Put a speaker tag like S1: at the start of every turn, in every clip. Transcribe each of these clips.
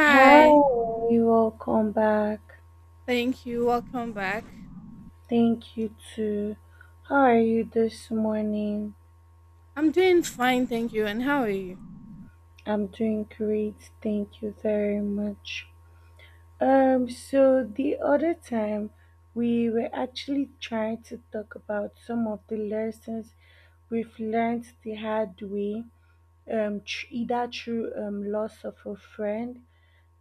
S1: Hi, welcome back.
S2: thank you. Welcome back.
S1: Thank you too. How are you this morning?
S2: I'm doing fine, thank you. And how are you?
S1: I'm doing great. Thank you very much. So the other time we were actually trying to talk about some of the lessons we've learned the hard way, either through loss of a friend,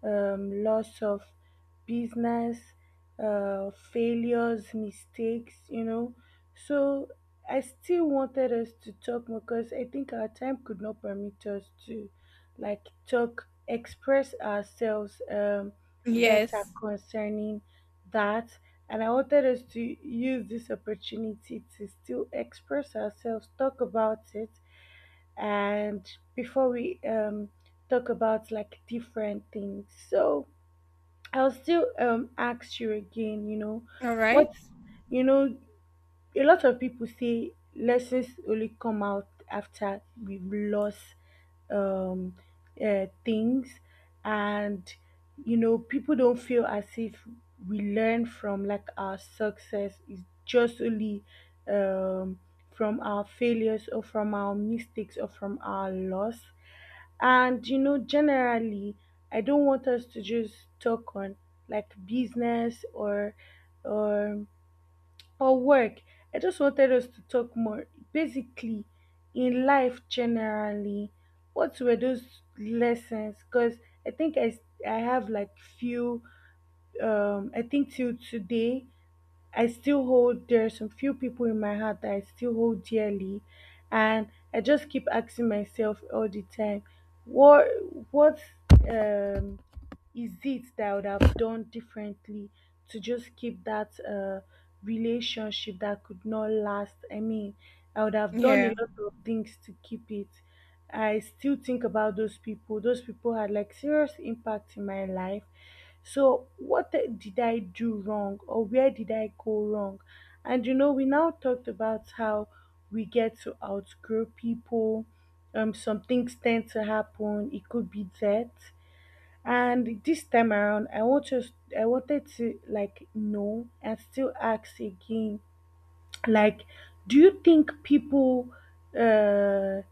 S1: loss of business, failures, mistakes. So I still wanted us to talk more because I think our time could not permit us to like talk, express ourselves, better
S2: Yes.
S1: concerning that. And I wanted us to use this opportunity to still express ourselves, talk about it, and before we talk about like different things, so I'll still ask you again,
S2: All right.
S1: what, you know a lot of people say lessons only come out after we've lost um, things. And you know, people don't feel as if we learn from like our success is just only um, from our failures or from our mistakes or from our loss. And you know, generally I don't want us to just talk on like business or or work. I just wanted us to talk more basically in life generally. What were those lessons? Because I think I have like few. Um, I think till today I still hold there are some few people in my heart that I still hold dearly, and I just keep asking myself all the time what what um is it that I would have done differently to just keep that relationship that could not last. I mean, I would have done
S2: Yeah.
S1: a lot of things to keep it. I still think about those people. Those people had like serious impact in my life. So, did I do wrong, or where did I go wrong? And you know, we now talked about how we get to outgrow people. Some things tend to happen. It could be death. And this time around, I wanted to like know and still ask again. Like, do you think people uh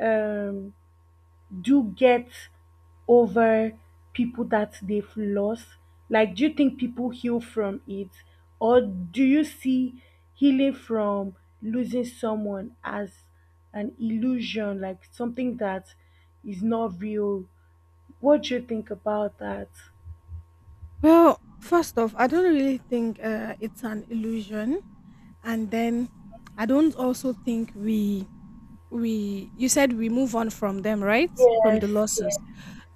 S1: um do get over people that they've lost? Like, do you think people heal from it, or do you see healing from losing someone as an illusion, like something that is not real? What do you think about that?
S2: Well, first off, I don't really think it's an illusion, and then I don't also think we you said we move on from them, right? From the
S1: Yes,
S2: losses.
S1: yes,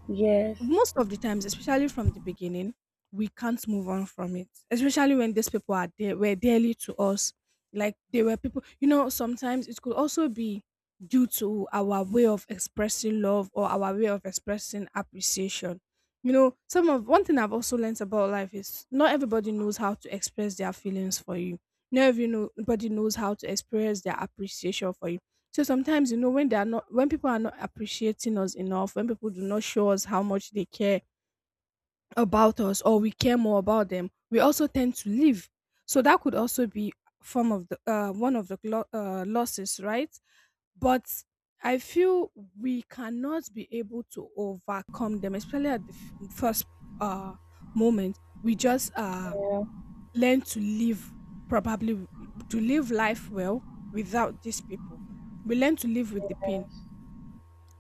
S1: yes,
S2: Most of the times, especially from the beginning, we can't move on from it. Especially when these people are there, were dearly to us. Like, they were people you know, sometimes it could also be due to our way of expressing love or our way of expressing appreciation. You know, some of one thing I've also learned about life is not everybody knows how to express their feelings for you. Not everybody knows how to express their appreciation for you. So sometimes, you know, when they are not, when people are not appreciating us enough, when people do not show us how much they care about us or we care more about them, we also tend to leave. So that could also be form of the one of the losses, right? But I feel we cannot be able to overcome them, especially at the first uh, moment. We just
S1: yeah,
S2: learn to live, probably to live life well without these people. We learn to live with the pain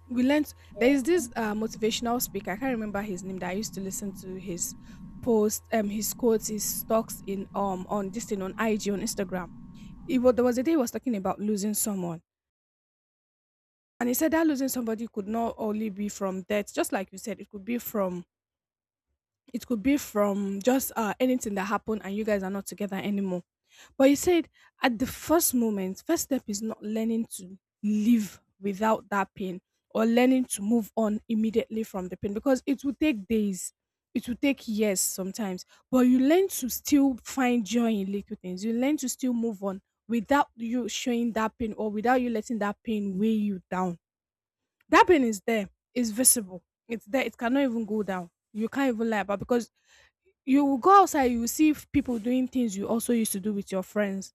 S2: we learned there
S1: yeah,
S2: is this motivational speaker. I can't remember his name, that I used to listen to his posts, his quotes, his talks in on this thing on IG, on Instagram. It was, there was a day he was talking about losing someone, and he said that losing somebody could not only be from death, just like you said. It could be from, it could be from just anything that happened and you guys are not together anymore. But you said at the first moment, first step is not learning to live without that pain or learning to move on immediately from the pain, because it will take days. It will take years sometimes, but you learn to still find joy in little things. You learn to still move on without you showing that pain or without you letting that pain weigh you down. That pain is there, it's visible, it's there, it cannot even go down. You can't even lie about, because you will go outside, you will see people doing things you also used to do with your friends,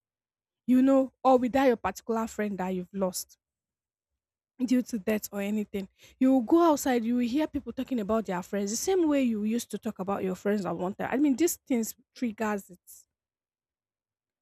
S2: you know, or with that your particular friend that you've lost due to death or anything. You will go outside, you will hear people talking about their friends the same way you used to talk about your friends at one time. I mean, these things triggers it.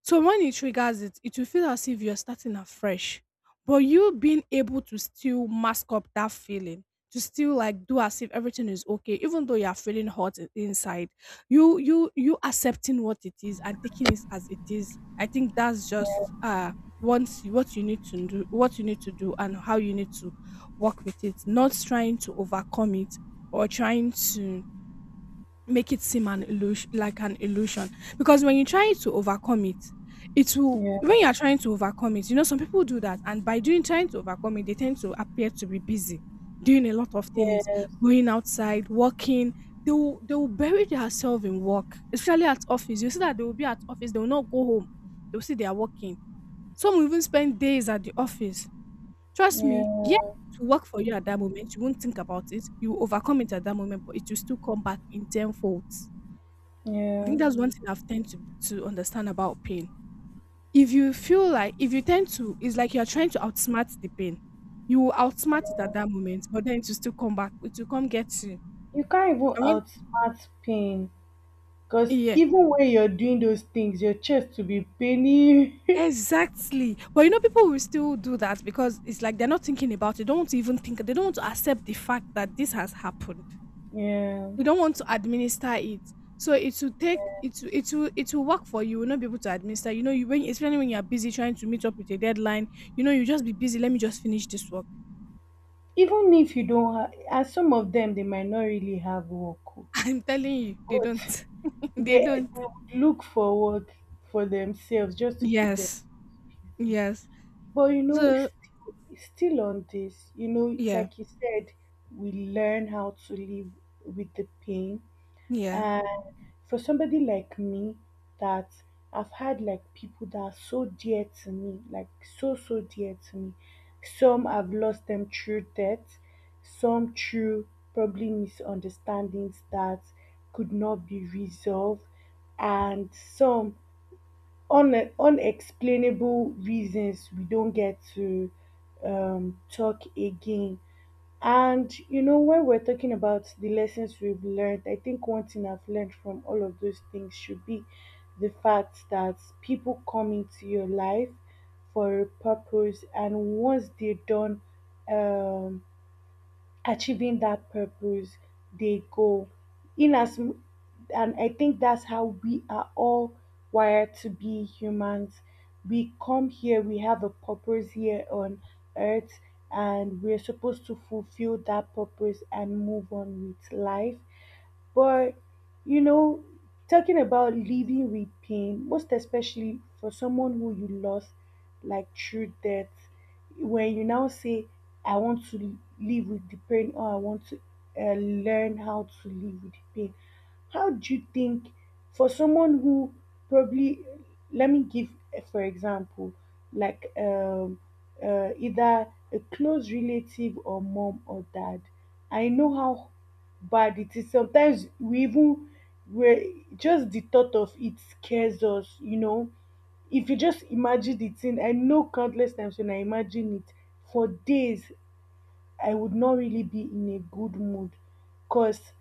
S2: So when it triggers it, it will feel as if you're starting afresh. But you being able to still mask up that feeling, to still like do as if everything is okay, even though you are feeling hot inside, you accepting what it is and taking it as it is. I think that's just once what you need to do, what you need to do, and how you need to work with it. Not trying to overcome it or trying to make it seem an illusion, like an illusion, because when you try to overcome it, it will,
S1: yeah,
S2: when you are trying to overcome it, you know, some people do that, and by doing, trying to overcome it, they tend to appear to be busy doing a lot of things,
S1: yes,
S2: going outside, working. They will bury themselves in work, especially at office. You see that they will be at office, they will not go home, they will see they are working. Some will even spend days at the office, trust me, yeah,
S1: yeah,
S2: to work for you. At that moment, you won't think about it, you will overcome it at that moment, but it will still come back in tenfold. I
S1: yeah.
S2: think that's one thing I've tend to understand about pain. If you feel like, if you tend to, it's like you're trying to outsmart the pain. You will outsmart it at that moment, but then it will still come back. It will come get you.
S1: You can't even
S2: I mean,
S1: outsmart pain. Because
S2: yeah,
S1: even when you're doing those things, your chest will be paining.
S2: exactly. But you know, people will still do that because it's like they're not thinking about it. Don't want to even think. They don't want to accept the fact that this has happened.
S1: Yeah.
S2: You don't want to administer it. So it will take, it it will, it will work for you. You will not be able to administer. You know, you, when, especially when you're busy trying to meet up with a deadline, you know, you just be busy. Let me just finish this work.
S1: Even if you don't have, and some of them, they might not really have work, oh,
S2: I'm telling you, they
S1: but
S2: don't.
S1: they,
S2: They
S1: they
S2: don't.
S1: would look for work for themselves just to keep them
S2: Yes.
S1: busy.
S2: Yes.
S1: But you know,
S2: So
S1: still on this, you know,
S2: yeah.
S1: like you said, we learn how to live with the pain.
S2: Yeah.
S1: And for somebody like me, that I've had like people that are so dear to me, like so, so dear to me. Some I've lost them through death, some through probably misunderstandings that could not be resolved, and some unexplainable reasons we don't get to talk again. And you know, when we're talking about the lessons we've learned, I think one thing I've learned from all of those things should be the fact that people come into your life for a purpose, and once they're done um, achieving that purpose, they go in as m- and I think that's how we are all wired to be humans. We come here, we have a purpose here on earth, and we're supposed to fulfill that purpose and move on with life. But you know, talking about living with pain, most especially for someone who you lost, like through death, when you now say, I want to live with the pain, or I want to learn how to live with the pain, how do you think, for someone who probably, let me give, for example, like either a close relative or mom or dad, I know how bad it is. Sometimes we even where just the thought of it scares us, you know, if you just imagine the thing. I know countless times when I imagine it, for days I would not really be in a good mood because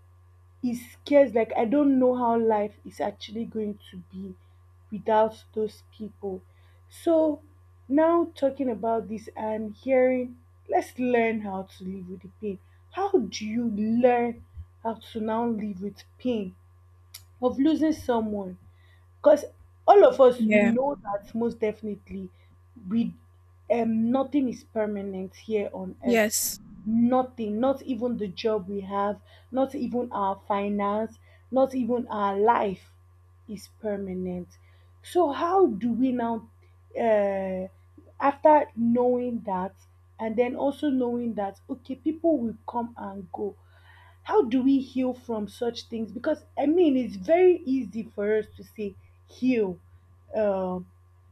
S1: it scares, like, I don't know how life is actually going to be without those people. So now, talking about this, I'm hearing, let's learn how to live with the pain. How do you learn how to now live with pain of losing someone? Because all of us, we
S2: Yeah.
S1: know that most definitely, we nothing is permanent here on earth.
S2: Yes.
S1: Nothing, not even the job we have, not even our finance, not even our life is permanent. So how do we now, uh, after knowing that, and then also knowing that okay people will come and go, how do we heal from such things? Because I mean, it's very easy for us to say heal, um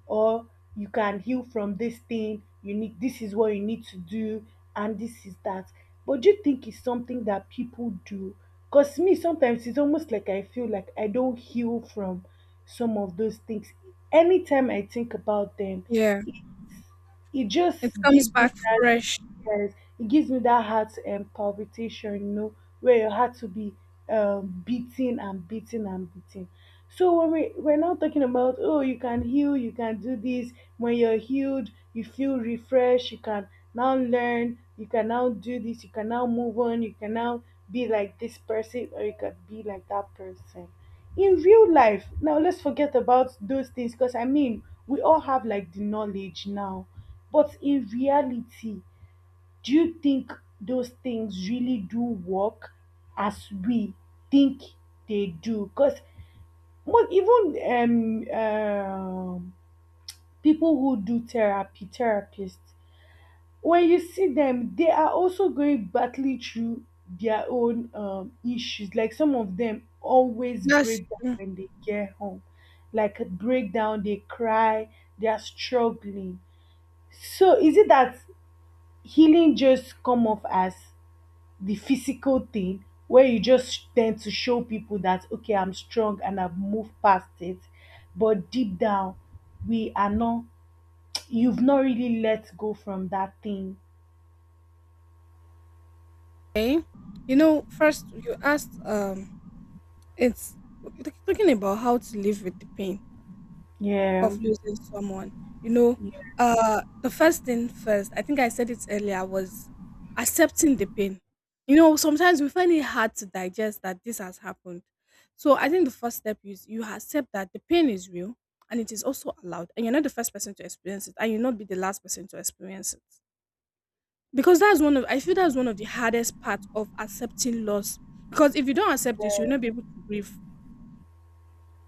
S1: or you can heal from this thing. You need This is what you need to do, and this is that. But do you think it's something that people do? Because me, sometimes it's almost like I feel like I don't heal from some of those things. Anytime I think about them,
S2: Yeah.
S1: it's it just
S2: It comes
S1: gives me
S2: back
S1: that,
S2: fresh.
S1: yes, it gives me that heart palpitation, you know, where your heart to be, beating and beating and beating. So when we're now talking about, oh, you can heal, you can do this. When you're healed, you feel refreshed. You can now learn. You can now do this. You can now move on. You can now be like this person, or you can be like that person in real life. Now let's forget about those things because I mean we all have like the knowledge now, but in reality, do you think those things really do work as we think they do? Because even people who do therapy, therapists, when you see them, they are also going battling through their own issues. Like some of them always
S2: That's
S1: break down
S2: true.
S1: when they get home, like break down, they cry, they are struggling. So is it that healing just come off as the physical thing, where you just tend to show people that okay I'm strong and I've moved past it, but deep down we are not, you've not really let go from that thing.
S2: Okay. You know, first you asked it's talking about how to live with the pain.
S1: Yeah,
S2: Of losing someone. You know,
S1: yeah.
S2: the first thing first, I think I said it earlier, was accepting the pain. You know, sometimes we find it hard to digest that this has happened. So I think the first step is you accept that the pain is real and it is also allowed, and you're not the first person to experience it, and you'll not be the last person to experience it. Because that's one of, I feel that's one of the hardest parts of accepting loss. Because if you don't accept this, you'll not be able to grieve.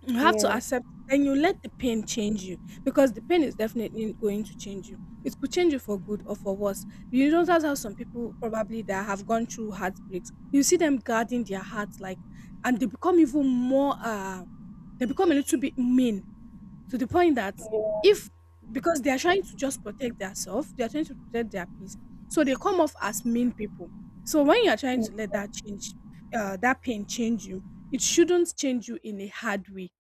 S2: You have to
S1: Yes,
S2: accept, and you let the pain change you, because the pain is definitely going to change you. It could change you for good or for worse. You don't, that's how some people probably that have gone through heartbreaks. You see them guarding their hearts like, and they become even more they become a little bit mean, to the point that if, because they are trying to just protect themselves, they are trying to protect their peace. So they come off as mean people. So when you are trying
S1: yeah,
S2: to let that change that pain change you, it shouldn't change you in a hard way.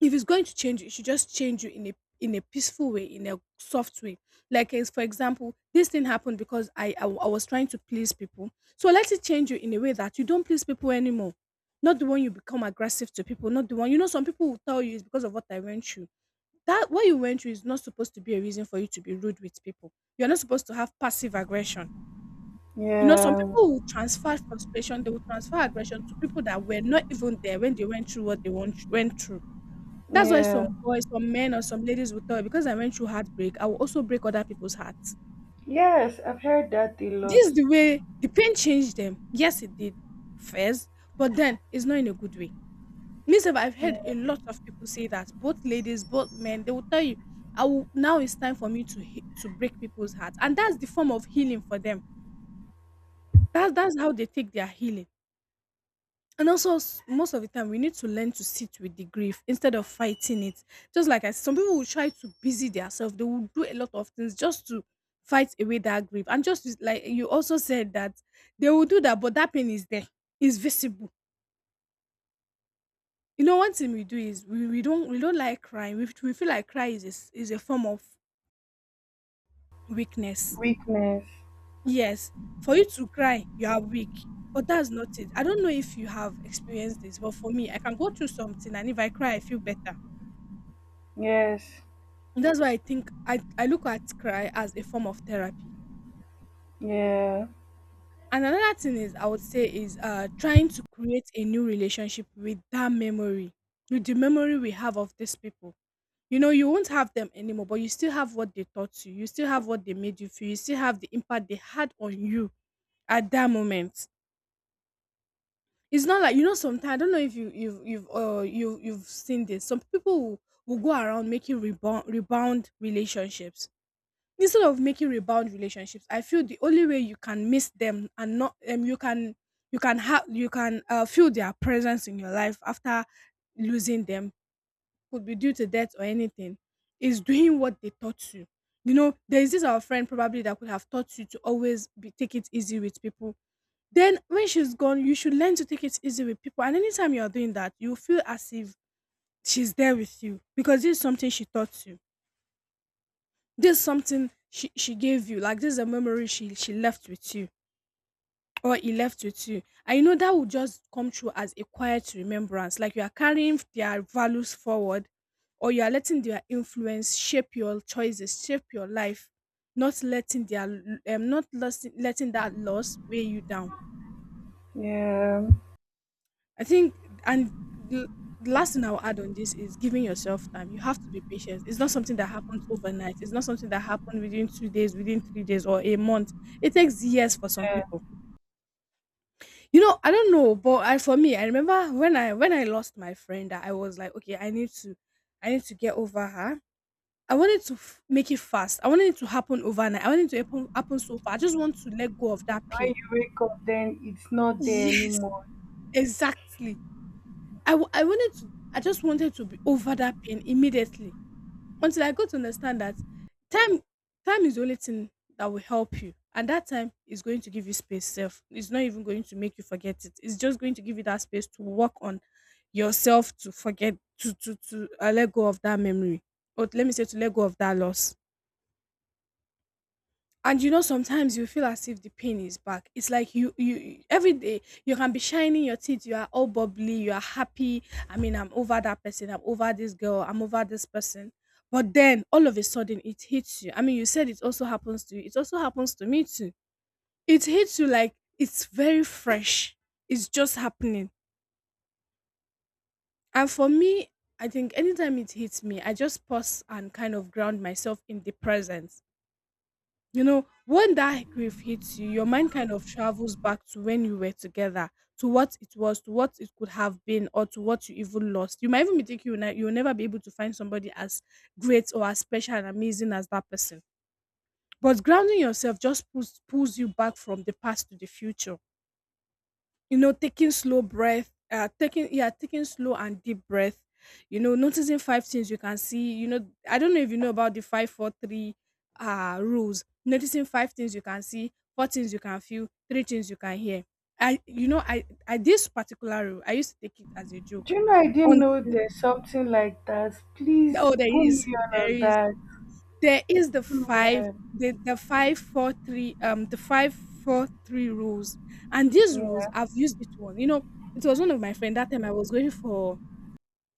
S2: If it's going to change you, it should just change you in a peaceful way, in a soft way. Like, as for example, this thing happened because I I was trying to please people. So let it change you in a way that you don't please people anymore. Not the one you become aggressive to people. Not the one, you know. Some people will tell you it's because of what I went through. That what you went through is not supposed to be a reason for you to be rude with people. You're not supposed to have passive aggression. You know, some
S1: yeah.
S2: people will transfer frustration. They will transfer aggression to people that were not even there when they went through what they went through. That's why
S1: Yeah.
S2: some boys, some men or some ladies will tell you, because I went through heartbreak, I will also break other people's hearts.
S1: Yes, I've heard that a lot.
S2: This is the way the pain changed them. Yes, it did first, but then it's not in a good way. Myself, I've heard a lot of people say that, both ladies, both men, they will tell you, I will, now it's time for me to to break people's hearts. And that's the form of healing for them. That's how they take their healing. And also, most of the time, we need to learn to sit with the grief instead of fighting it. Just like I said, some people will try to busy themselves. They will do a lot of things just to fight away that grief. And just like you also said that they will do that, but that pain is there. It's visible. You know, one thing we do is we don't like crying. We feel like cry is a, is a form of weakness.
S1: Weakness.
S2: Yes, for you to cry, you are weak. But that's not it. I don't know if you have experienced this, but for me, I can go through something, and if I cry, I feel better.
S1: Yes.
S2: That's why I think I look at cry as a form of therapy.
S1: Yeah.
S2: And another thing is, I would say, is trying to create a new relationship with that memory, with the memory we have of these people. You know, you won't have them anymore, but you still have what they taught you, you still have what they made you feel, you still have the impact they had on you at that moment. It's not like, you know, sometimes I don't know if you've seen this. Some people will go around making rebound relationships. Instead of making rebound relationships, I feel the only way you can miss them and not, you can you can have you can feel their presence in your life after losing them, could be due to death or anything, is doing what they taught you. You know, there is this our friend probably that could have taught you to always be take it easy with people. Then when she's gone, you should learn to take it easy with people, and anytime you're doing that, you feel as if she's there with you because this is something she taught you. This is something she gave you. Like, this is a memory she left with you, or he left with you. And you know, that will just come true as a quiet remembrance. Like, you are carrying their values forward, or you are letting their influence shape your choices, shape your life, not letting their, not letting that loss weigh you down.
S1: Yeah.
S2: I think, and the the last thing I'll add on this is giving yourself time. You have to be patient. It's not something that happens overnight. It's not something that happened within 2 days, within 3 days, or a month. It takes years for some
S1: Yeah.
S2: people. You know, I don't know, but for me, I remember when I lost my friend, that I was like, okay, I need to, get over her. I wanted to make it fast. I wanted it to happen overnight. I wanted it to happen so far. I just want to let go of that
S1: When
S2: pain.
S1: you wake up then it's not there
S2: Yes,
S1: anymore.
S2: exactly. I just wanted to be over that pain immediately until I got to understand that time time is the only thing that will help you. And that time is going to give you space self. It's not even going to make you forget it. It's just going to give you that space to work on yourself, to forget, to let go of that memory. Or let me say, to let go of that loss. And you know, sometimes you feel as if the pain is back. It's like, every day you can be shining your teeth, you are all bubbly, you are happy. I mean, I'm over that person, I'm over this girl, I'm over this person. But then all of a sudden it hits you. I mean, you said it also happens to you, it also happens to me too. It hits you like it's very fresh. It's just happening. And for me, I think anytime it hits me, I just pause and kind of ground myself in the present. You know, when that grief hits you, your mind kind of travels back to when you were together, to what it was, to what it could have been, or to what you even lost. You might even be thinking you'll never be able to find somebody as great or as special and amazing as that person. But grounding yourself just pulls you back from the past to the future. You know, taking slow breath, taking slow and deep breath. You know, noticing five things you can see. You know, I don't know if you know about the five, four, three, rules. Noticing five things you can see, four things you can feel, three things you can hear. I this particular rule, I used to take it as a
S1: Do
S2: joke.
S1: you know I didn't
S2: On
S1: know there's something like that? Please
S2: Oh, there
S1: put
S2: is,
S1: me on
S2: there
S1: on
S2: is.
S1: that.
S2: There is the
S1: Put me
S2: 5,
S1: on.
S2: the 5, 4, 3, the 5, 4, 3 rules, and these rules,
S1: Yeah.
S2: I've used it one. You know, it was one of my friend that time I was going for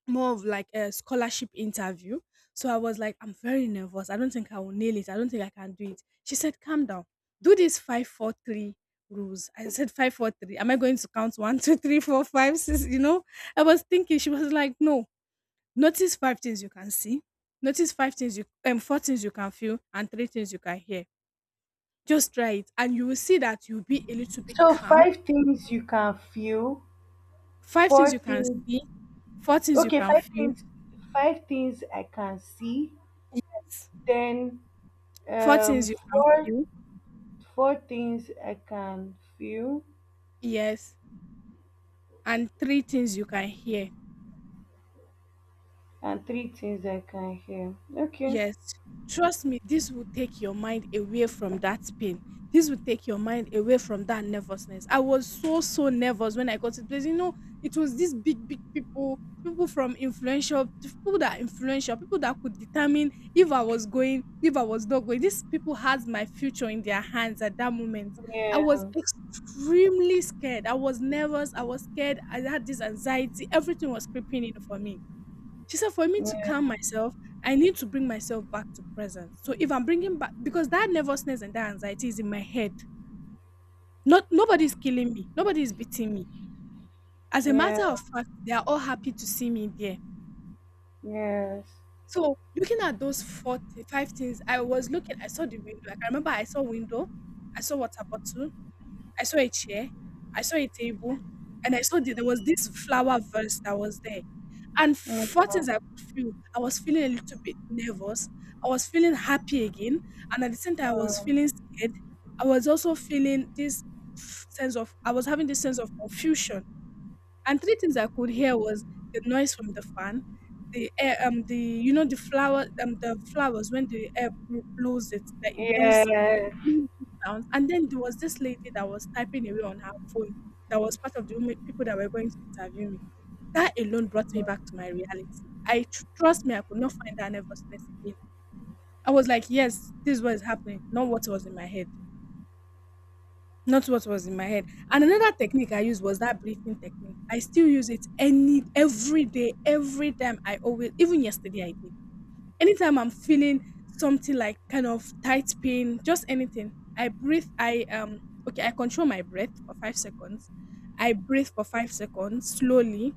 S2: more of like a scholarship interview. So I was like, "I'm very nervous. I don't think I will nail it. I don't think I can do it." She said, "Calm down. Do this 5, 4, 3 rules." I said, "5, 4, 3. Am I going to count 1, two, three, four, five, six?" You know, I was thinking. She was like, "No. Notice 5 things you can see, notice 5 things you, 4 things you can feel and 3 things you can hear. Just try it and you will see that you'll be a little bit
S1: So
S2: calm."
S1: five things you can feel.
S2: 5 things
S1: Four
S2: you can
S1: things.
S2: see, 4 things you
S1: Okay,
S2: can
S1: five
S2: feel,
S1: things. Five things I can see.
S2: yes.
S1: Then
S2: 4
S1: um
S2: things you can
S1: four
S2: feel,
S1: four things I can feel
S2: yes, and 3 things you can hear.
S1: and three things I can hear. Okay.
S2: Yes, trust me, this will take your mind away from that pain. This will take your mind away from that nervousness. I was so so nervous when I got to the place. You know, it was these big big people, people that are influential, people that could determine if I was going, if I was not going. These people had my future in their hands at that moment. I was
S1: Yeah.
S2: extremely scared. I was nervous. I was scared. I had this anxiety. Everything was creeping in for me. She said, for me to
S1: Yeah.
S2: calm myself, I need to bring myself back to present. So if I'm bringing back, because that nervousness and that anxiety is in my head. Not nobody's killing me. Nobody is beating me. As a
S1: Yeah.
S2: matter of fact, they are all happy to see me there.
S1: Yes.
S2: So looking at those 45 things, I was looking. I saw the window. I can remember I saw window. I saw water bottle. I saw a chair, I saw a table, and I saw the, there was this flower vase that was there. And
S1: Yeah.
S2: four things I could feel. I was feeling a little bit nervous. I was feeling happy again. And at the same time, I was feeling
S1: Mm.
S2: scared. I was also feeling this sense of, I was having this sense of confusion. And three things I could hear was the noise from the fan, the air, the, you know, the flower, the flowers when the air blows it, like it goes,
S1: Yes.
S2: made these sounds. And then there was this lady that was typing away on her phone that was part of the women, people that were going to interview me. That alone brought me back to my reality. I trust me, I could not find that nervousness again. I was like, yes, this is what is happening, not what was in my head. Not what was in my head. And another technique I used was that breathing technique. I still use it any every day, every time, I always, even yesterday I did, anytime I'm feeling something like kind of tight pain, just anything, I breathe. I, okay, I control my breath for 5 seconds. I breathe for 5 seconds slowly.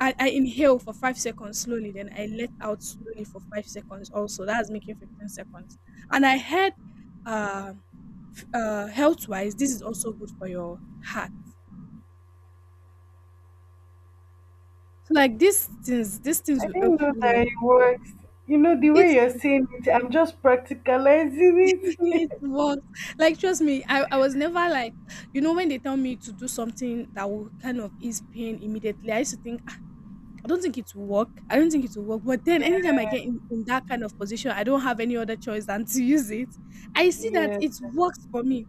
S2: I inhale for 5 seconds slowly, then I let out slowly for 5 seconds. Also, that's making 15 seconds. And I heard, uh, health wise, this is also good for your heart. So, like, these things
S1: I
S2: will help
S1: didn't know
S2: you.
S1: that
S2: Like,
S1: it works. You know, the way
S2: it's
S1: you're saying it, I'm just practicalizing it.
S2: it was like, trust me, I was never like, you know, when they tell me to do something that will kind of ease pain immediately, I used to think, "Ah, I don't think it will work. I don't think it will work." But then anytime I get in that kind of position, I don't have any other choice than to use it. I see that
S1: Yeah.
S2: it works for me.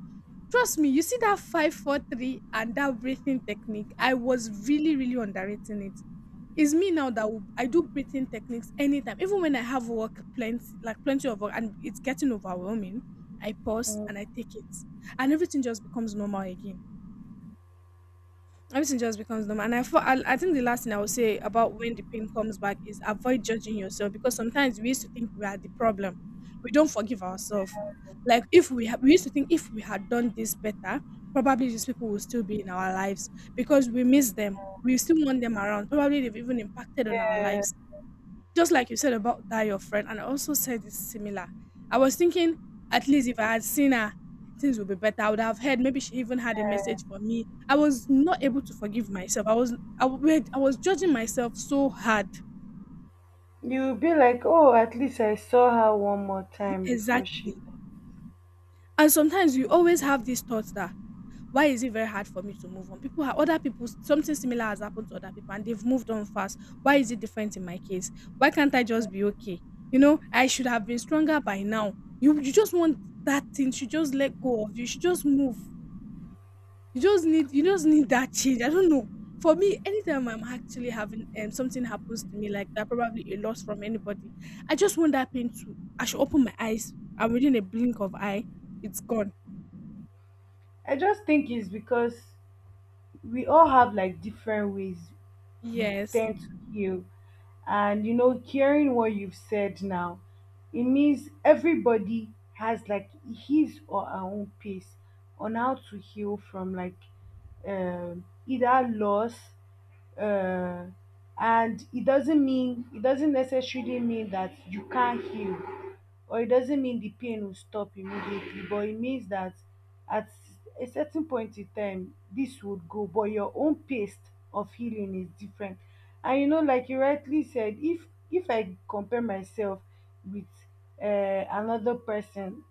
S2: Trust me, you see that five, four, three, and that breathing technique. I was really, really underrating it. It's me now that will, I do breathing techniques anytime, even when I have work plenty, like plenty of work, and it's getting overwhelming. I pause and I
S1: Mm,
S2: take it, and everything just becomes normal again. Everything just becomes normal. And I think the last thing I will say about when the pain comes back is avoid judging yourself, because sometimes we used to think we are the problem. We don't forgive ourselves. Like, if we used to think, if we had done this better, probably these people will still be in our lives because we miss them. We still want them around. Probably they've even impacted on our
S1: yeah.
S2: lives just like you said about that your friend, and I also said it's similar. I was thinking, at least if I had seen her, things would be better. I would have heard, maybe she even had a message for me. I was not able to forgive myself. I was, I was judging myself so hard.
S1: You'll be like, oh, at least I saw her one more time before she
S2: Exactly.
S1: left.
S2: And sometimes you always have these thoughts that, why is it very hard for me to move on? People are other people, something similar has happened to other people and they've moved on fast. Why is it different in my case? Why can't I just be okay? You know, I should have been stronger by now. You just want that thing, should just let go of you, should just move. You just need that change. I don't know. For me, anytime I'm actually having, something happens to me like that, probably a loss from anybody, I just want that pain to. I should open my eyes, and within a blink of eye, it's gone.
S1: I just think it's because we all have like different ways we
S2: Yes,
S1: tend to heal. And you know, hearing what you've said now, it means everybody has like his or her own pace on how to heal from, like, either loss, uh, and it doesn't mean, it doesn't necessarily mean that you can't heal, or it doesn't mean the pain will stop immediately, but it means that at a certain point in time this would go, but your own pace of healing is different. And you know, like you rightly said, if I compare myself with another person,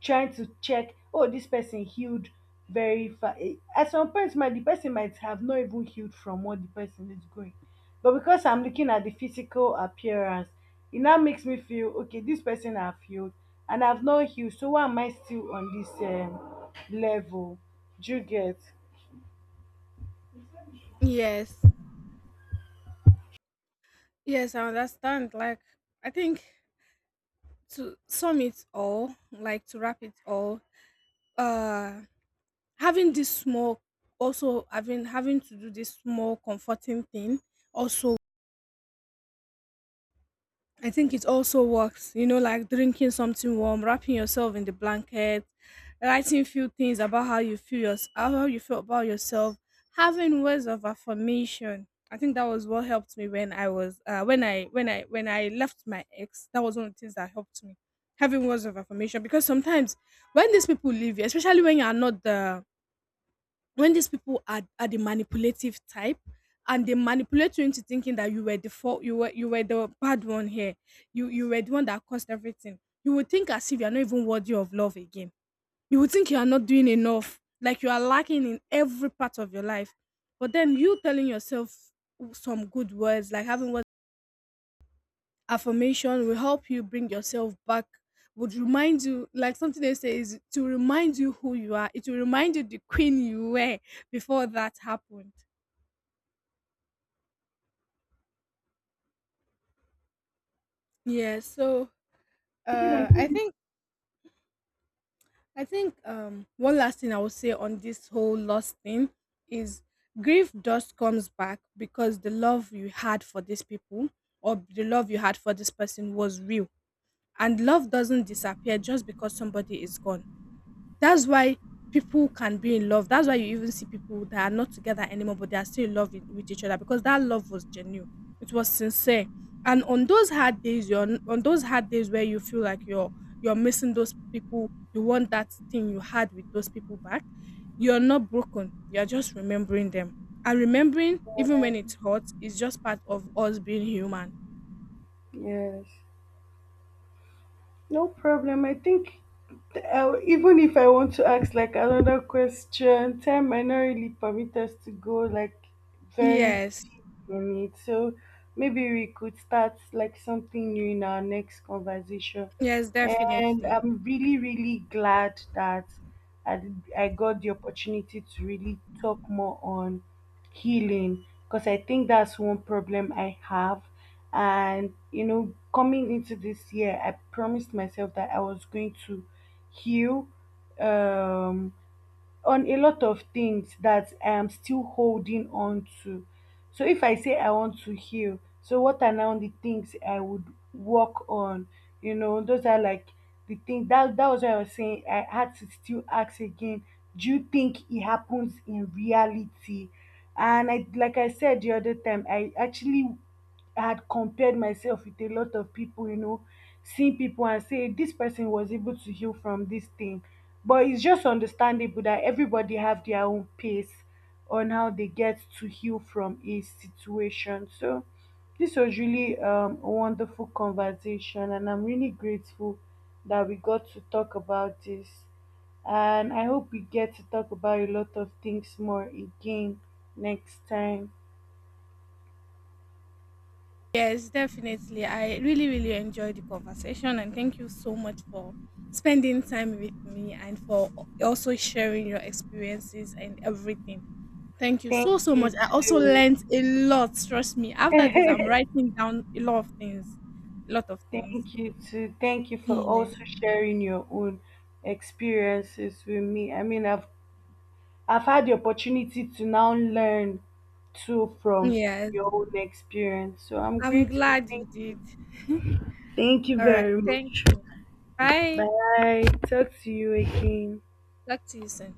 S1: trying to check, oh, this person healed very fast. At some point, might the person might have not even healed from what the person is going. But because I'm looking at the physical appearance, it now makes me feel okay. This person have healed, and I've not healed. So why am I still on this level? Do you get?
S2: yes. Yes, I understand. Like, I think, to sum it all, like, to wrap it all, uh, having this small, also having to do this small comforting thing, also I think it also works. You know, like drinking something warm, wrapping yourself in the blanket, writing few things about how you feel yours, how you feel about yourself, having words of affirmation. I think that was what helped me when I was, when I left my ex. That was one of the things that helped me, having words of affirmation, because sometimes when these people leave you, especially when you are not the, when these people are the manipulative type, and they manipulate you into thinking that you were the fault, you were the bad one here, you were the one that caused everything, you would think as if you're not even worthy of love again. You would think you are not doing enough, like you are lacking in every part of your life. But then you telling yourself some good words, like having words affirmation, will help you bring yourself back, would remind you, like something they say is to remind you who you are. It will remind you the queen you were before that happened. Yeah. So, uh i think I think one last thing I would say on this whole lost thing is, grief just comes back because the love you had for these people, or the love you had for this person, was real. And love doesn't disappear just because somebody is gone. That's why people can be in love. That's why you even see people that are not together anymore, but they are still in love with each other, because that love was genuine. It was sincere. And on those hard days, on those hard days where you feel like you're missing those people, you want that thing you had with those people back. You're not broken. You're just remembering them. And remembering, even when it's hot, is just part of us being human.
S1: Yes. No problem. I think even if I want to ask like another question, time might not really permit us to go like very
S2: Yes.
S1: deep on it. So maybe we could start like something new in our next conversation.
S2: Yes,
S1: And
S2: definitely.
S1: I'm really, really glad that I, I got the opportunity to really talk more on healing because I think that's one problem I have. And you know, coming into this year, I promised myself that I was going to heal, um, on a lot of things that I am still holding on to. So if I say I want to heal, so what are now the things I would work on? You know, those are like the thing that was why I was saying I had to still ask again. Do you think it happens in reality? And I, like I said the other time, I actually had compared myself with a lot of people, you know, seeing people and say this person was able to heal from this thing. But it's just understandable that everybody have their own pace on how they get to heal from a situation. So this was really, a wonderful conversation, and I'm really grateful that we got to talk about this, and I hope we get to talk about a lot of things more again next time.
S2: Yes, definitely. I really, really enjoyed the conversation, and thank you so much for spending time with me and for also sharing your experiences and everything. Thank you so,
S1: Thank
S2: so
S1: you
S2: much. I also
S1: too.
S2: learned a lot. Trust me. After this, I'm writing down a lot of things. A lot of things.
S1: Thank you too. Thank you for
S2: Yeah.
S1: also sharing your own experiences with me. I mean, I've had the opportunity to now learn too from
S2: Yes.
S1: your own experience. So I'm
S2: I'm
S1: grateful.
S2: glad you
S1: Thank,
S2: did.
S1: thank you
S2: All right.
S1: very
S2: Thank
S1: much.
S2: you. Bye.
S1: Bye. Talk to you again.
S2: Talk to you soon.